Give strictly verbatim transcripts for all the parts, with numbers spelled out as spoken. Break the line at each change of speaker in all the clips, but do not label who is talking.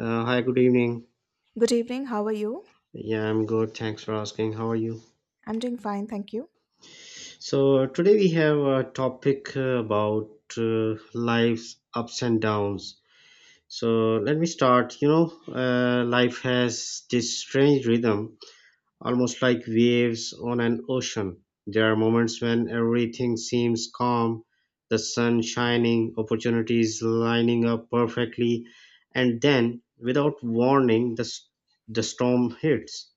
Uh, hi, good evening.
Good evening, how are you?
Yeah, I'm good. Thanks for asking. How are you?
I'm doing fine, thank you.
So, today we have a topic uh, about uh, life's ups and downs. So, let me start. You know, uh, life has this strange rhythm, almost like waves on an ocean. There are moments when everything seems calm, the sun shining, opportunities lining up perfectly, and then, without warning, the, s- the storm hits.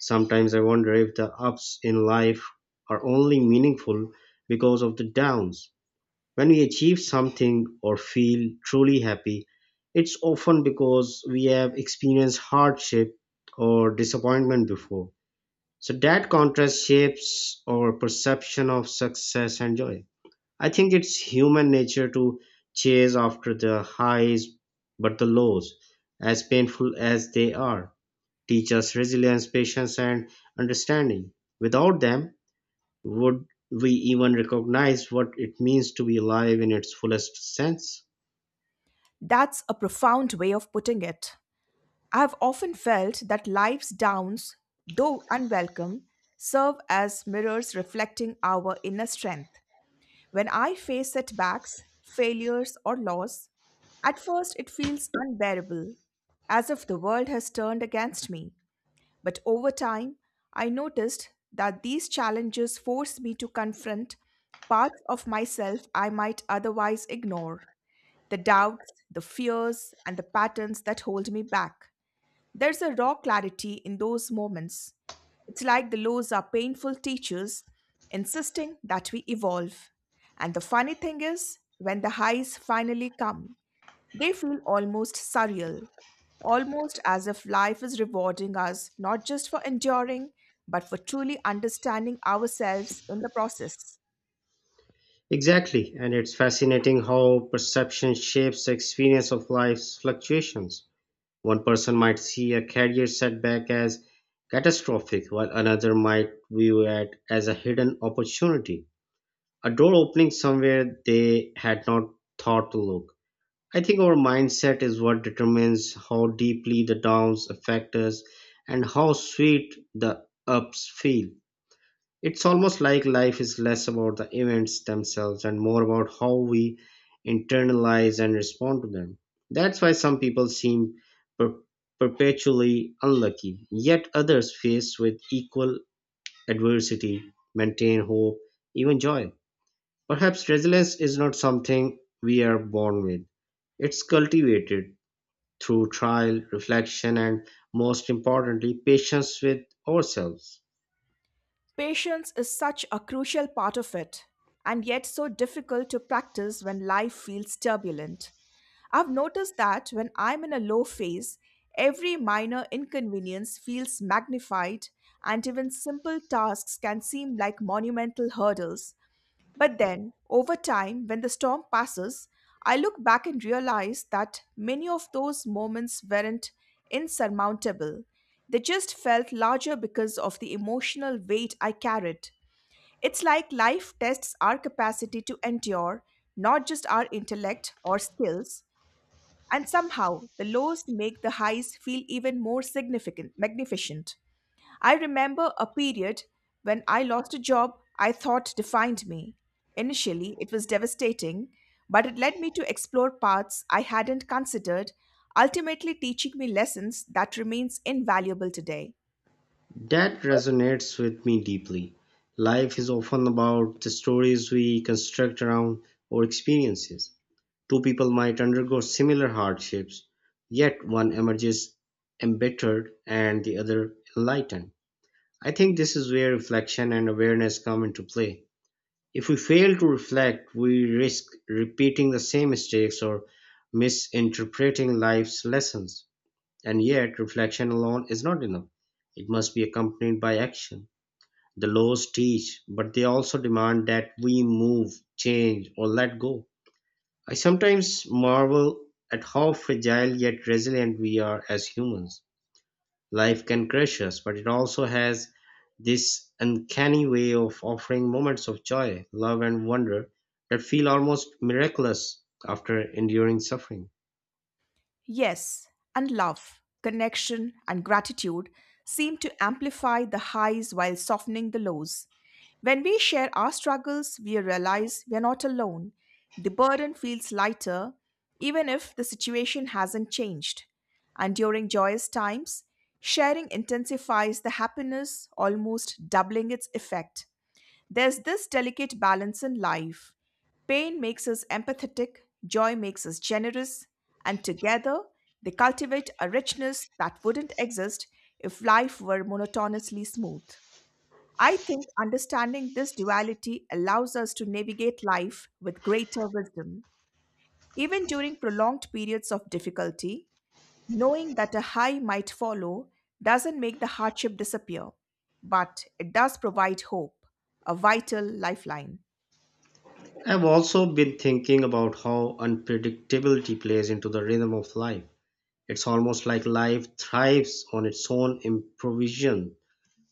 Sometimes I wonder if the ups in life are only meaningful because of the downs. When we achieve something or feel truly happy, it's often because we have experienced hardship or disappointment before. So that contrast shapes our perception of success and joy. I think it's human nature to chase after the highs, but the lows, as painful as they are, teach us resilience, patience, and understanding. Without them, would we even recognize what it means to be alive in its fullest sense?
That's a profound way of putting it. I have often felt that life's downs, though unwelcome, serve as mirrors reflecting our inner strength. When I face setbacks, failures, or loss, at first it feels unbearable, as if the world has turned against me. But over time, I noticed that these challenges force me to confront parts of myself I might otherwise ignore the doubts, the fears, and the patterns that hold me back. There's a raw clarity in those moments. It's like the lows are painful teachers insisting that we evolve. And the funny thing is, when the highs finally come, they feel almost surreal, almost as if life is rewarding us not just for enduring, but for truly understanding ourselves in the process.
Exactly, and it's fascinating how perception shapes the experience of life's fluctuations. One person might see a career setback as catastrophic, while another might view it as a hidden opportunity, a door opening somewhere they had not thought to look. I think our mindset is what determines how deeply the downs affect us and how sweet the ups feel. It's almost like life is less about the events themselves and more about how we internalize and respond to them. That's why some people seem per- perpetually unlucky, yet others faced with equal adversity maintain hope, even joy. Perhaps resilience is not something we are born with, it's cultivated through trial, reflection, and most importantly, patience with ourselves.
Patience is such a crucial part of it, and yet so difficult to practice when life feels turbulent. I've noticed that when I'm in a low phase, every minor inconvenience feels magnified, and even simple tasks can seem like monumental hurdles. But then, over time, when the storm passes, I look back and realize that many of those moments weren't insurmountable. They just felt larger because of the emotional weight I carried. It's like life tests our capacity to endure, not just our intellect or skills, and somehow the lows make the highs feel even more significant, magnificent. I remember a period when I lost a job I thought defined me. Initially, it was devastating, but it led me to explore paths I hadn't considered, ultimately teaching me lessons that remains invaluable today.
That resonates with me deeply. Life is often about the stories we construct around our experiences. Two people might undergo similar hardships, yet one emerges embittered and the other enlightened. I think this is where reflection and awareness come into play. If we fail to reflect, we risk repeating the same mistakes or misinterpreting life's lessons. And yet, reflection alone is not enough. It must be accompanied by action. The laws teach, but they also demand that we move, change, or let go. I sometimes marvel at how fragile yet resilient we are as humans. Life can crush us, but it also has this uncanny way of offering moments of joy, love, and wonder that feel almost miraculous after enduring suffering.
Yes, and love, connection, and gratitude seem to amplify the highs while softening the lows. When we share our struggles, we realize we are not alone. The burden feels lighter, even if the situation hasn't changed. And during joyous times, sharing intensifies the happiness, almost doubling its effect. There's this delicate balance in life. Pain makes us empathetic, joy makes us generous, and together they cultivate a richness that wouldn't exist if life were monotonously smooth. I think understanding this duality allows us to navigate life with greater wisdom. Even during prolonged periods of difficulty, knowing that a high might follow doesn't make the hardship disappear, but it does provide hope, a vital lifeline.
I've also been thinking about how unpredictability plays into the rhythm of life. It's almost like life thrives on its own improvisation.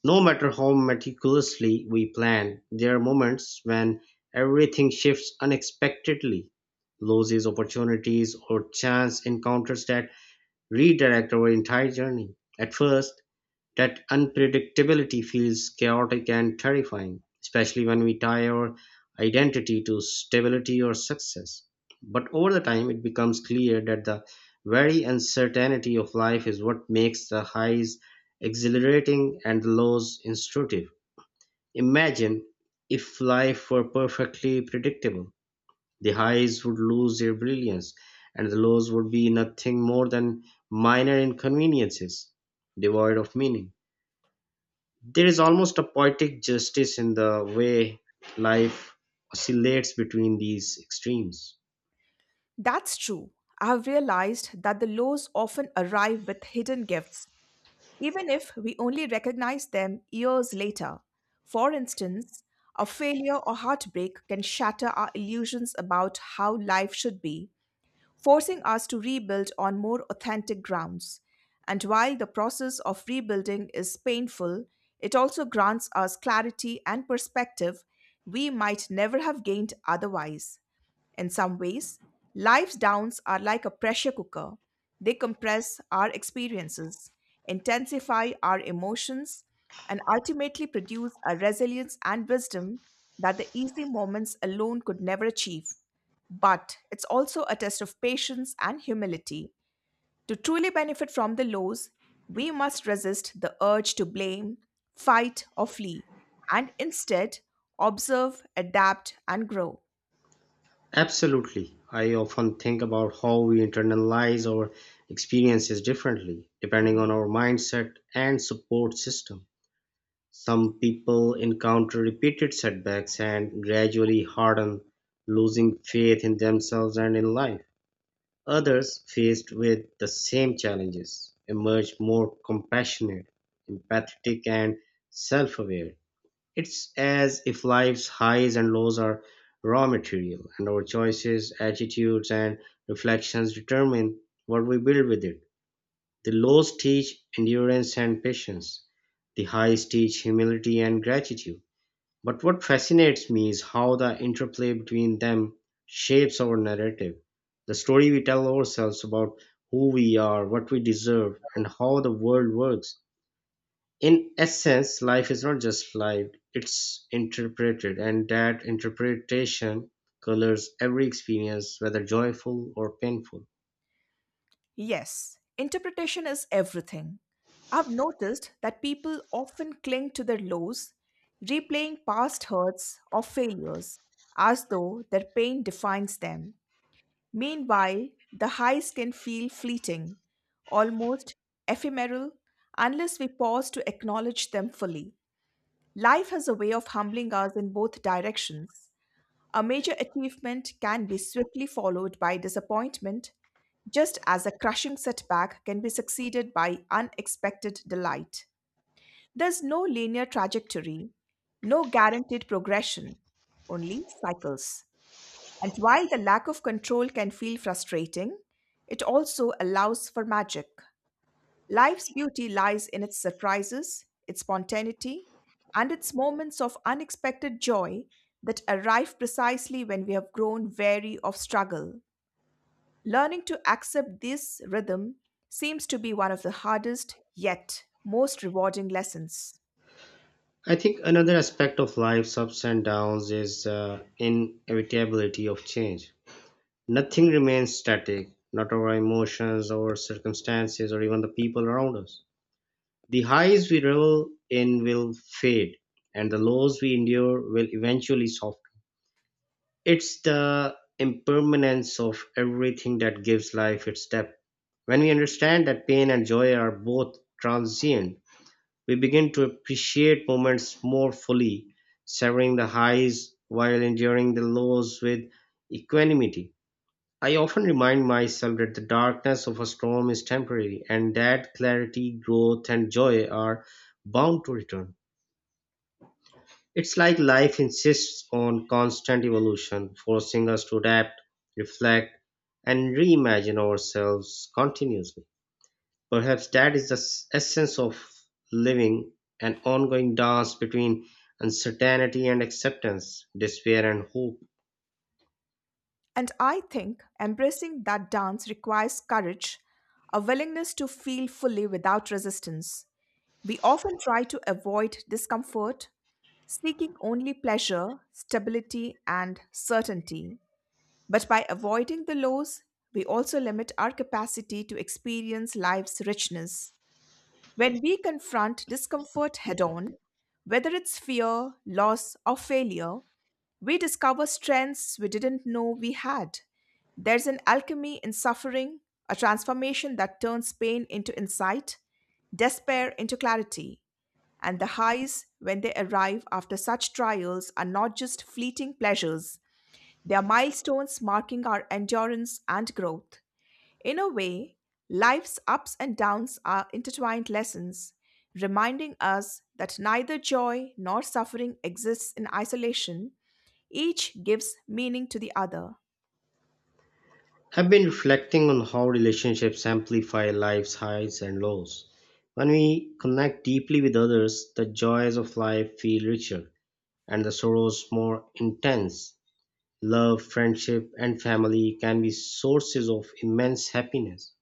No matter how meticulously we plan, there are moments when everything shifts unexpectedly, loses opportunities, or chance encounters that redirect our entire journey. At first, that unpredictability feels chaotic and terrifying, especially when we tie our identity to stability or success. But over the time, it becomes clear that the very uncertainty of life is what makes the highs exhilarating and the lows instructive. Imagine if life were perfectly predictable. The highs would lose their brilliance, and the lows would be nothing more than minor inconveniences, devoid of meaning. There is almost a poetic justice in the way life oscillates between these extremes.
That's true. I've realized that the lows often arrive with hidden gifts, even if we only recognize them years later. For instance, a failure or heartbreak can shatter our illusions about how life should be, forcing us to rebuild on more authentic grounds. And while the process of rebuilding is painful, it also grants us clarity and perspective we might never have gained otherwise. In some ways, life's downs are like a pressure cooker. They compress our experiences, intensify our emotions, and ultimately produce a resilience and wisdom that the easy moments alone could never achieve. But it's also a test of patience and humility. To truly benefit from the lows, we must resist the urge to blame, fight, or flee, and instead observe, adapt, and grow.
Absolutely. I often think about how we internalize our experiences differently, depending on our mindset and support system. Some people encounter repeated setbacks and gradually harden, losing faith in themselves and in life. Others faced with the same challenges emerge more compassionate, empathetic, and self-aware. It's as if life's highs and lows are raw material, and our choices, attitudes, and reflections determine what we build with it. The lows teach endurance and patience. The highs teach humility and gratitude. But what fascinates me is how the interplay between them shapes our narrative, the story we tell ourselves about who we are, what we deserve, and how the world works. In essence, life is not just lived, it's interpreted, and that interpretation colors every experience, whether joyful or painful.
Yes, interpretation is everything. I've noticed that people often cling to their lows, replaying past hurts or failures as though their pain defines them. Meanwhile, the highs can feel fleeting, almost ephemeral, unless we pause to acknowledge them fully. Life has a way of humbling us in both directions. A major achievement can be swiftly followed by disappointment, just as a crushing setback can be succeeded by unexpected delight. There's no linear trajectory, no guaranteed progression, only cycles. And while the lack of control can feel frustrating, it also allows for magic. Life's beauty lies in its surprises, its spontaneity, and its moments of unexpected joy that arrive precisely when we have grown weary of struggle. Learning to accept this rhythm seems to be one of the hardest, yet most rewarding lessons.
I think another aspect of life's ups and downs is the inevitability of change. Nothing remains static, not our emotions, our circumstances, or even the people around us. The highs we revel in will fade, and the lows we endure will eventually soften. It's the impermanence of everything that gives life its depth. When we understand that pain and joy are both transient, we begin to appreciate moments more fully, savoring the highs while enduring the lows with equanimity. I often remind myself that the darkness of a storm is temporary and that clarity, growth, and joy are bound to return. It's like life insists on constant evolution, forcing us to adapt, reflect, and reimagine ourselves continuously. Perhaps that is the s- essence of living, an ongoing dance between uncertainty and acceptance, despair and hope.
And I think embracing that dance requires courage, a willingness to feel fully without resistance, we often try to avoid discomfort, seeking only pleasure, stability, and certainty. But by avoiding the lows, we also limit our capacity to experience life's richness. When we confront discomfort head on, whether it's fear, loss, or failure, we discover strengths we didn't know we had. There's an alchemy in suffering, a transformation that turns pain into insight, despair into clarity. And the highs, when they arrive after such trials, are not just fleeting pleasures, they are milestones marking our endurance and growth. In a way, life's ups and downs are intertwined lessons, reminding us that neither joy nor suffering exists in isolation, each gives meaning to the other.
I've been reflecting on how relationships amplify life's highs and lows. When we connect deeply with others, the joys of life feel richer and the sorrows more intense. Love, friendship, and family can be sources of immense happiness.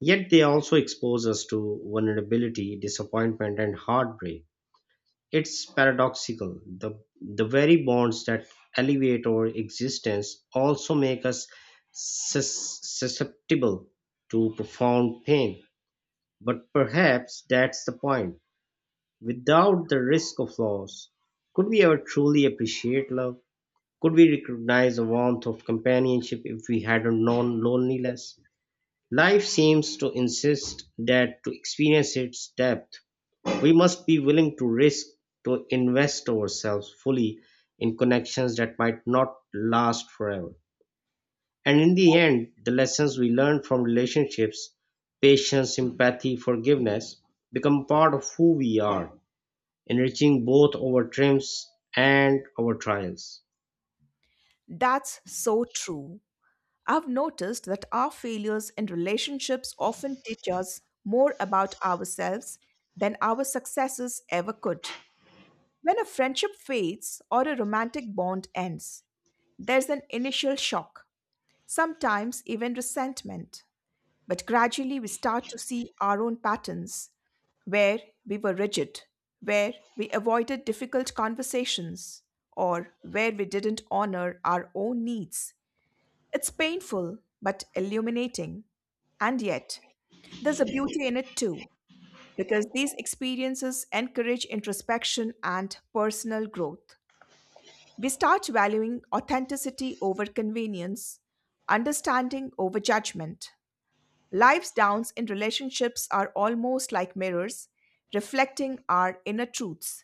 Yet they also expose us to vulnerability, disappointment, and heartbreak. It's paradoxical: the, the very bonds that elevate our existence also make us sus- susceptible to profound pain. But perhaps that's the point. Without the risk of loss, could we ever truly appreciate love? Could we recognize the warmth of companionship if we hadn't known loneliness? Life seems to insist that to experience its depth, we must be willing to risk, to invest ourselves fully in connections that might not last forever. And in the end, the lessons we learn from relationships, patience, empathy, forgiveness, become part of who we are, enriching both our triumphs and our trials.
That's so true. I've noticed that our failures in relationships often teach us more about ourselves than our successes ever could. When a friendship fades or a romantic bond ends, there's an initial shock, sometimes even resentment. But gradually we start to see our own patterns where we were rigid, where we avoided difficult conversations, or where we didn't honor our own needs. It's painful, but illuminating. And yet, there's a beauty in it too, because these experiences encourage introspection and personal growth. We start valuing authenticity over convenience, understanding over judgment. Life's downs in relationships are almost like mirrors, reflecting our inner truths.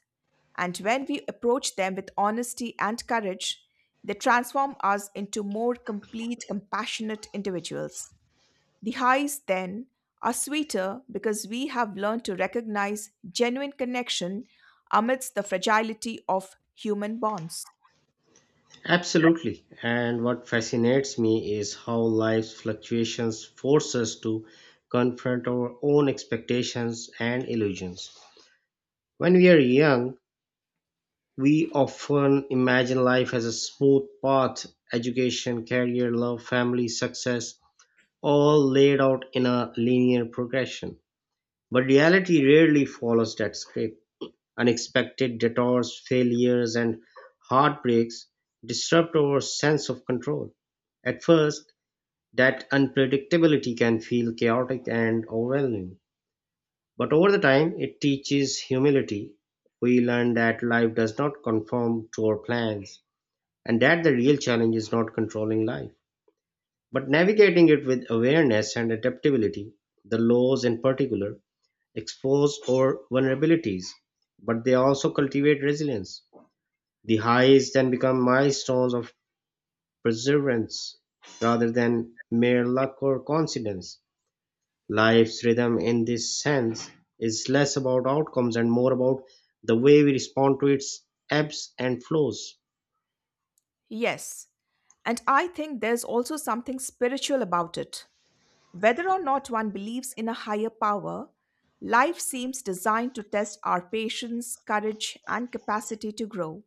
And when we approach them with honesty and courage, they transform us into more complete, compassionate individuals. The highs, then, are sweeter because we have learned to recognize genuine connection amidst the fragility of human bonds.
Absolutely. And what fascinates me is how life's fluctuations force us to confront our own expectations and illusions. When we are young, we often imagine life as a smooth path, education, career, love, family, success, all laid out in a linear progression. But reality rarely follows that script. Unexpected detours, failures, and heartbreaks disrupt our sense of control. At first, that unpredictability can feel chaotic and overwhelming. But over the time, it teaches humility. We learn that life does not conform to our plans and that the real challenge is not controlling life, but navigating it with awareness and adaptability. The laws, in particular, expose our vulnerabilities, but they also cultivate resilience. The highs then become milestones of perseverance rather than mere luck or coincidence. Life's rhythm, in this sense, is less about outcomes and more about the way we respond to its ebbs and flows.
Yes, and I think there's also something spiritual about it. Whether or not one believes in a higher power, life seems designed to test our patience, courage, and capacity to grow.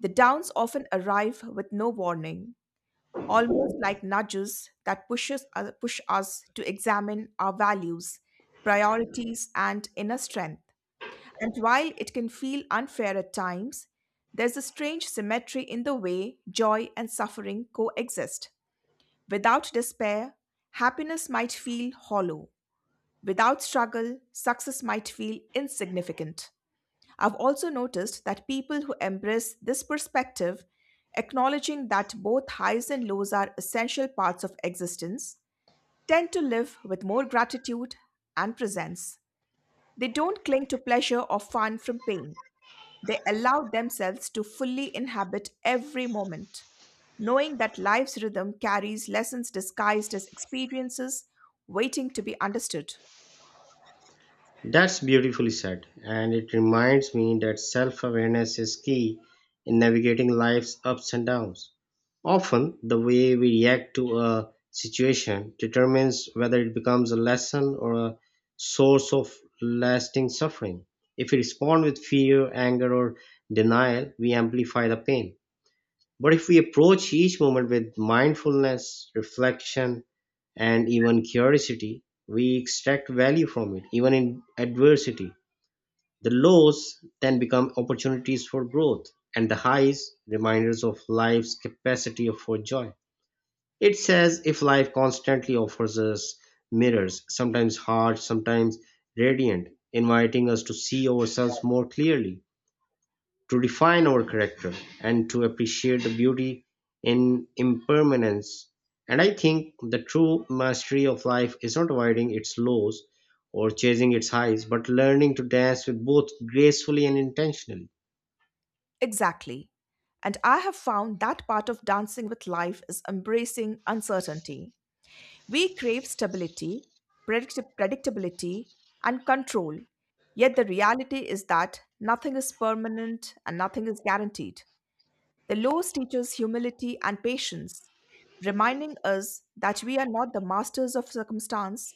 The downs often arrive with no warning, almost like nudges that pushes uh, push us to examine our values, priorities, and inner strength. And while it can feel unfair at times, there's a strange symmetry in the way joy and suffering coexist. Without despair, happiness might feel hollow. Without struggle, success might feel insignificant. I've also noticed that people who embrace this perspective, acknowledging that both highs and lows are essential parts of existence, tend to live with more gratitude and presence. They don't cling to pleasure or fun from pain. They allow themselves to fully inhabit every moment, knowing that life's rhythm carries lessons disguised as experiences waiting to be understood.
That's beautifully said, and it reminds me that self awareness is key in navigating life's ups and downs. Often, the way we react to a situation determines whether it becomes a lesson or a source of lasting suffering. If we respond with fear, anger, or denial, we amplify the pain. But if we approach each moment with mindfulness, reflection, and even curiosity, we extract value from it, even in adversity. The lows then become opportunities for growth, and the highs reminders of life's capacity for joy. It's as if life constantly offers us mirrors, sometimes hard, sometimes radiant, inviting us to see ourselves more clearly, to refine our character, and to appreciate the beauty in impermanence. And I think the true mastery of life is not avoiding its lows or chasing its highs, but learning to dance with both gracefully and intentionally.
Exactly. And I have found that part of dancing with life is embracing uncertainty. We crave stability, predict- predictability, and control. Yet the reality is that nothing is permanent and nothing is guaranteed. The laws teach us humility and patience, reminding us that we are not the masters of circumstance,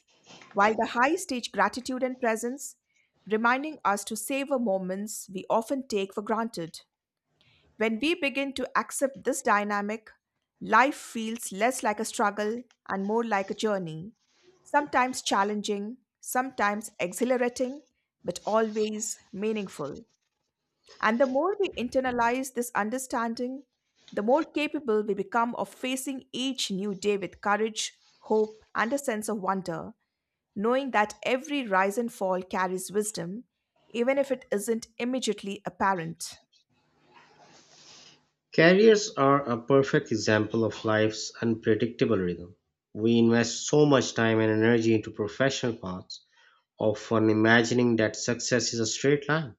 while the highs teach gratitude and presence, reminding us to savor moments we often take for granted. When we begin to accept this dynamic, life feels less like a struggle and more like a journey, sometimes challenging, sometimes exhilarating, but always meaningful. And the more we internalize this understanding, the more capable we become of facing each new day with courage, hope, and a sense of wonder knowing that every rise and fall carries wisdom, even if it isn't immediately apparent.
Careers are a perfect example of life's unpredictable rhythm. We invest so much time and energy into professional paths, often imagining that success is a straight line.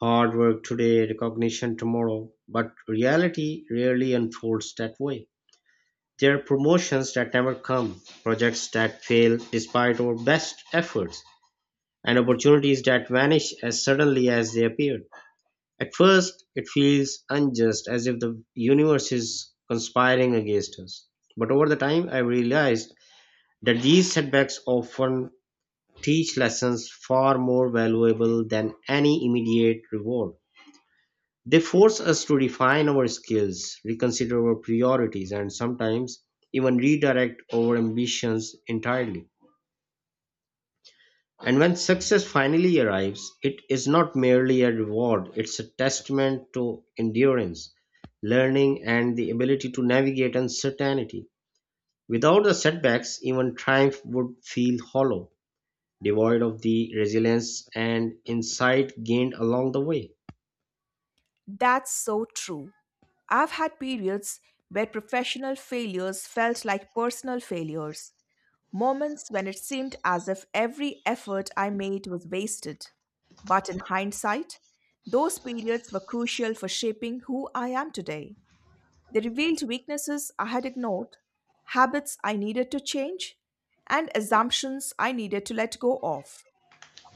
Hard work today, recognition tomorrow, but reality rarely unfolds that way. There are promotions that never come, projects that fail despite our best efforts, and opportunities that vanish as suddenly as they appeared. At first, it feels unjust, as if the universe is conspiring against us. But over the time, I realized that these setbacks often teach lessons far more valuable than any immediate reward. They force us to refine our skills, reconsider our priorities, and sometimes even redirect our ambitions entirely. And when success finally arrives, it is not merely a reward, it's a testament to endurance, learning, and the ability to navigate uncertainty. Without the setbacks, even triumph would feel hollow, devoid of the resilience and insight gained along the way.
That's so true. I've had periods where professional failures felt like personal failures, moments when it seemed as if every effort I made was wasted. But in hindsight, those periods were crucial for shaping who I am today. They revealed weaknesses I had ignored, habits I needed to change, and assumptions I needed to let go of.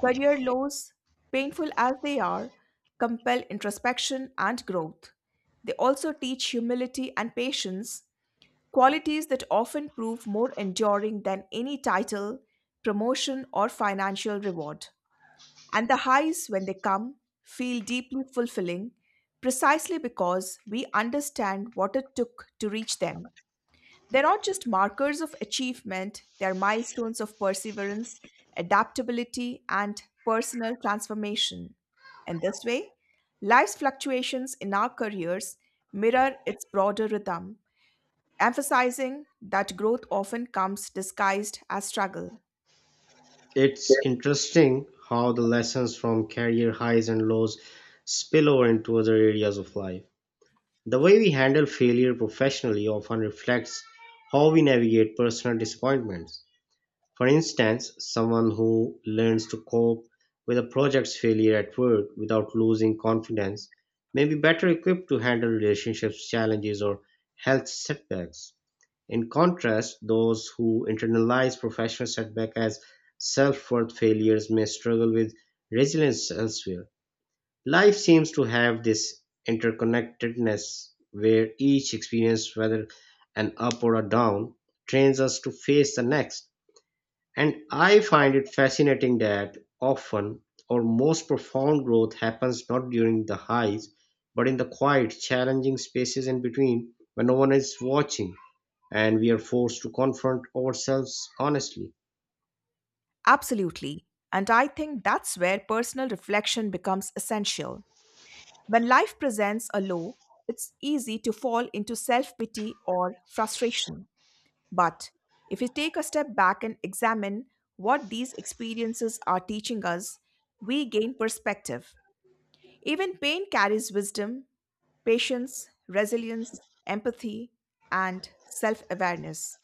Career lows, painful as they are, compel introspection and growth. They also teach humility and patience, qualities that often prove more enduring than any title, promotion, or financial reward. And the highs, when they come, feel deeply fulfilling precisely because we understand what it took to reach them. They're not just markers of achievement, they're milestones of perseverance, adaptability, and personal transformation. In this way, life's fluctuations in our careers mirror its broader rhythm, emphasizing that growth often comes disguised as struggle.
It's interesting how the lessons from career highs and lows spill over into other areas of life. The way we handle failure professionally often reflects how we navigate personal disappointments. For instance, someone who learns to cope with a project's failure at work without losing confidence may be better equipped to handle relationships challenges or health setbacks. In contrast, those who internalize professional setback as self-worth failures may struggle with resilience elsewhere. Life seems to have this interconnectedness where each experience, whether an up or a down, trains us to face the next, and I find it fascinating that often our most profound growth happens not during the highs, but in the quiet, challenging spaces in between, when no one is watching and we are forced to confront ourselves honestly.
Absolutely. And I think that's where personal reflection becomes essential. When life presents a low, it's easy to fall into self pity or frustration. But if you take a step back and examine what these experiences are teaching us, we gain perspective. Even pain carries wisdom, patience, resilience, empathy, and self awareness.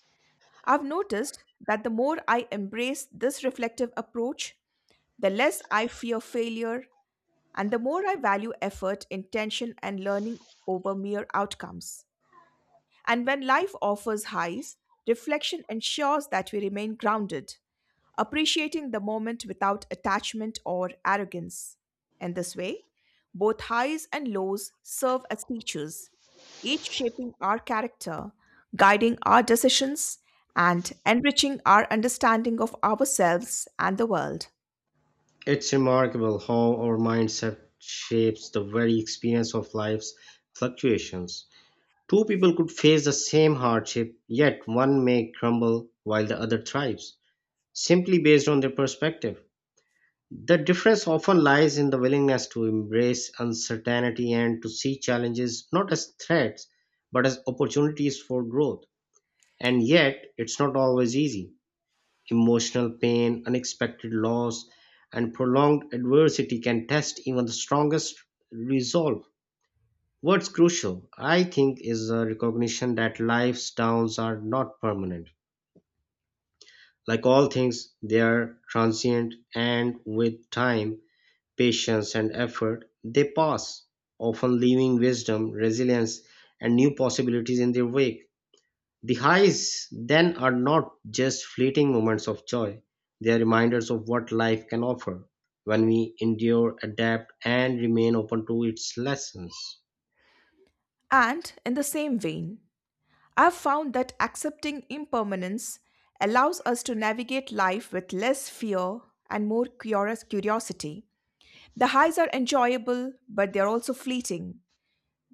I've noticed that the more I embrace this reflective approach, the less I fear failure and the more I value effort, intention, and learning over mere outcomes. And when life offers highs, reflection ensures that we remain grounded, appreciating the moment without attachment or arrogance. In this way, both highs and lows serve as teachers, each shaping our character, guiding our decisions, and enriching our understanding of ourselves and the world.
It's remarkable how our mindset shapes the very experience of life's fluctuations. Two people could face the same hardship, yet one may crumble while the other thrives, simply based on their perspective. The difference often lies in the willingness to embrace uncertainty and to see challenges not as threats but as opportunities for growth. And yet, it's not always easy. Emotional pain, unexpected loss, and prolonged adversity can test even the strongest resolve. What's crucial, I think, is a recognition that life's downs are not permanent. Like all things, they are transient, and with time, patience and effort, they pass, often leaving wisdom, resilience, and new possibilities in their wake. The highs then are not just fleeting moments of joy, they are reminders of what life can offer when we endure, adapt, and remain open to its lessons.
And in the same vein, I've found that accepting impermanence allows us to navigate life with less fear and more curious curiosity. The highs are enjoyable, but they are also fleeting.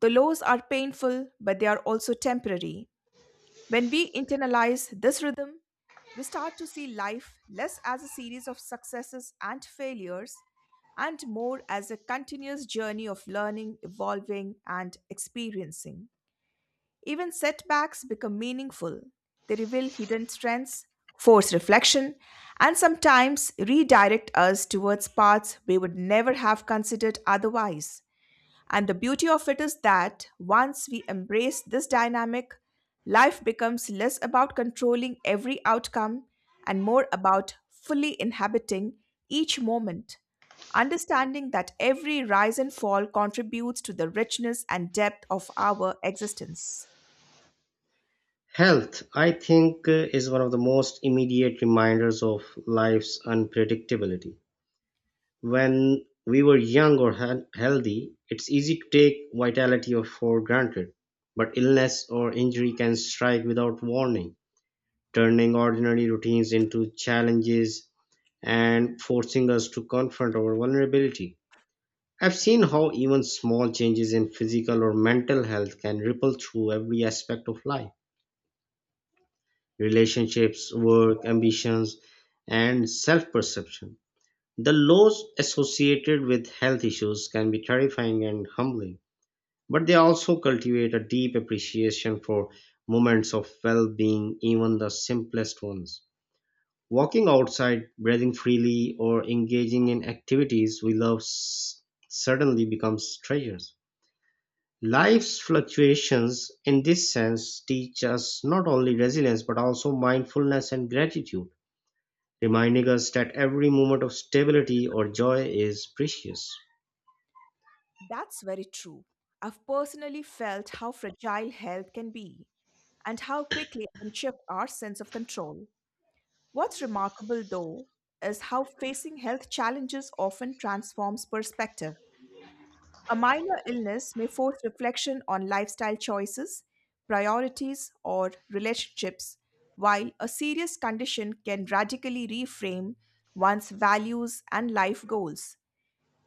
The lows are painful, but they are also temporary. When we internalize this rhythm, we start to see life less as a series of successes and failures and more as a continuous journey of learning, evolving, and experiencing. Even setbacks become meaningful. They reveal hidden strengths, force reflection, and sometimes redirect us towards paths we would never have considered otherwise. And the beauty of it is that once we embrace this dynamic, life becomes less about controlling every outcome and more about fully inhabiting each moment, understanding that every rise and fall contributes to the richness and depth of our existence.
Health, I think, uh, is one of the most immediate reminders of life's unpredictability. When we were young or hea- healthy, it's easy to take vitality or for granted. But illness or injury can strike without warning, turning ordinary routines into challenges and forcing us to confront our vulnerability. I've seen how even small changes in physical or mental health can ripple through every aspect of life: relationships, work, ambitions, and self perception. The lows associated with health issues can be terrifying and humbling, but they also cultivate a deep appreciation for moments of well being, even the simplest ones. Walking outside, breathing freely, or engaging in activities we love s- suddenly becomes treasures. Life's fluctuations, in this sense, teach us not only resilience but also mindfulness and gratitude, reminding us that every moment of stability or joy is precious.
That's very true. I've personally felt how fragile health can be and how quickly it can shift our sense of control. What's remarkable, though, is how facing health challenges often transforms perspective. A minor illness may force reflection on lifestyle choices, priorities, or relationships, while a serious condition can radically reframe one's values and life goals.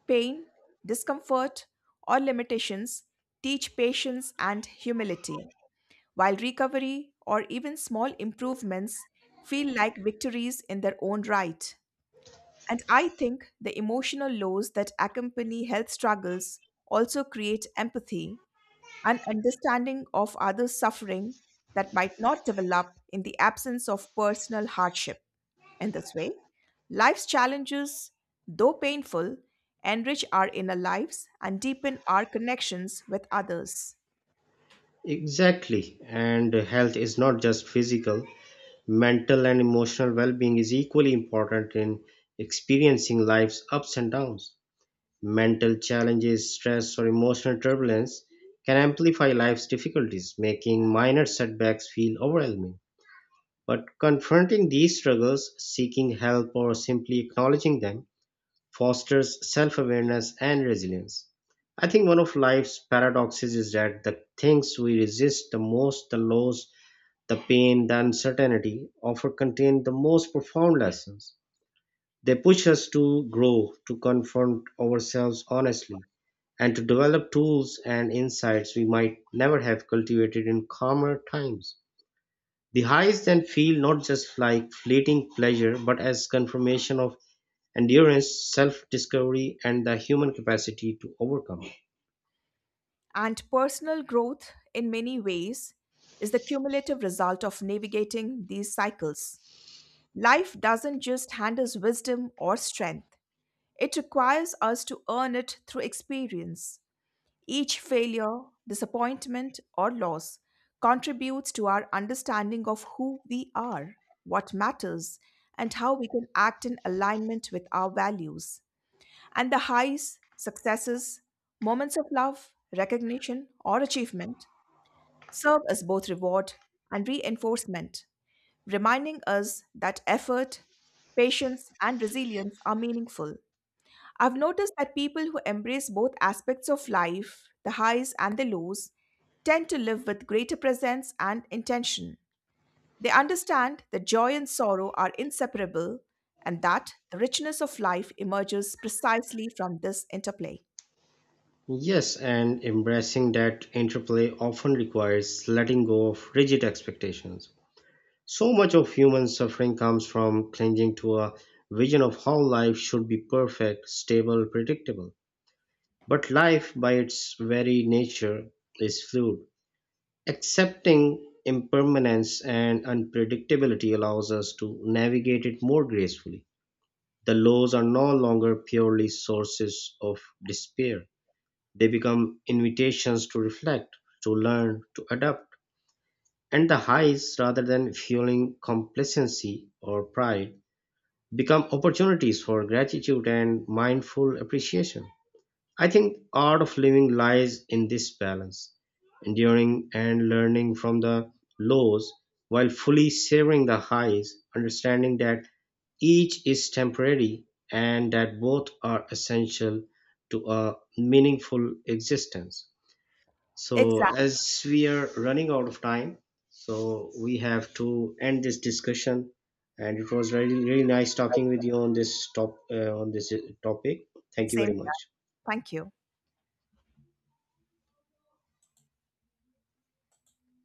Pain, discomfort, or limitations teach patience and humility, while recovery or even small improvements feel like victories in their own right. And I think the emotional lows that accompany health struggles also create empathy and understanding of others' suffering that might not develop in the absence of personal hardship. In this way, life's challenges, though painful, enrich our inner lives and deepen our connections with others.
Exactly. And health is not just physical, mental and emotional well being is equally important in experiencing life's ups and downs. Mental challenges, stress, or emotional turbulence can amplify life's difficulties, making minor setbacks feel overwhelming. But confronting these struggles, seeking help, or simply acknowledging them fosters self-awareness and resilience. I think one of life's paradoxes is that the things we resist the most, the loss, the pain, the uncertainty, often contain the most profound lessons. They push us to grow, to confront ourselves honestly, and to develop tools and insights we might never have cultivated in calmer times. The highs then feel not just like fleeting pleasure, but as confirmation of endurance, self discovery, and the human capacity to overcome.
And personal growth, in many ways, is the cumulative result of navigating these cycles. Life doesn't just hand us wisdom or strength, it requires us to earn it through experience. Each failure, disappointment, or loss contributes to our understanding of who we are, what matters, and how we can act in alignment with our values. And the highs, successes, moments of love, recognition, or achievement serve as both reward and reinforcement, reminding us that effort, patience, and resilience are meaningful. I've noticed that people who embrace both aspects of life, the highs and the lows, tend to live with greater presence and intention. They understand that joy and sorrow are inseparable and that the richness of life emerges precisely from this interplay.
Yes, and embracing that interplay often requires letting go of rigid expectations. So much of human suffering comes from clinging to a vision of how life should be: perfect, stable, predictable. But life, by its very nature, is fluid. Accepting impermanence and unpredictability allows us to navigate it more gracefully. The laws are no longer purely sources of despair. They become invitations to reflect, to learn, to adapt. And the highs, rather than fueling complacency or pride, become opportunities for gratitude and mindful appreciation. I think art of living lies in this balance, enduring and learning from the lows while fully savoring the highs, understanding that each is temporary and that both are essential to a meaningful existence. So,
Exact
as we are running out of time, so we have to end this discussion. And it was really, really nice talking with you on this top uh, on this uh, topic. Thank you
Same.
very much.
Thank you.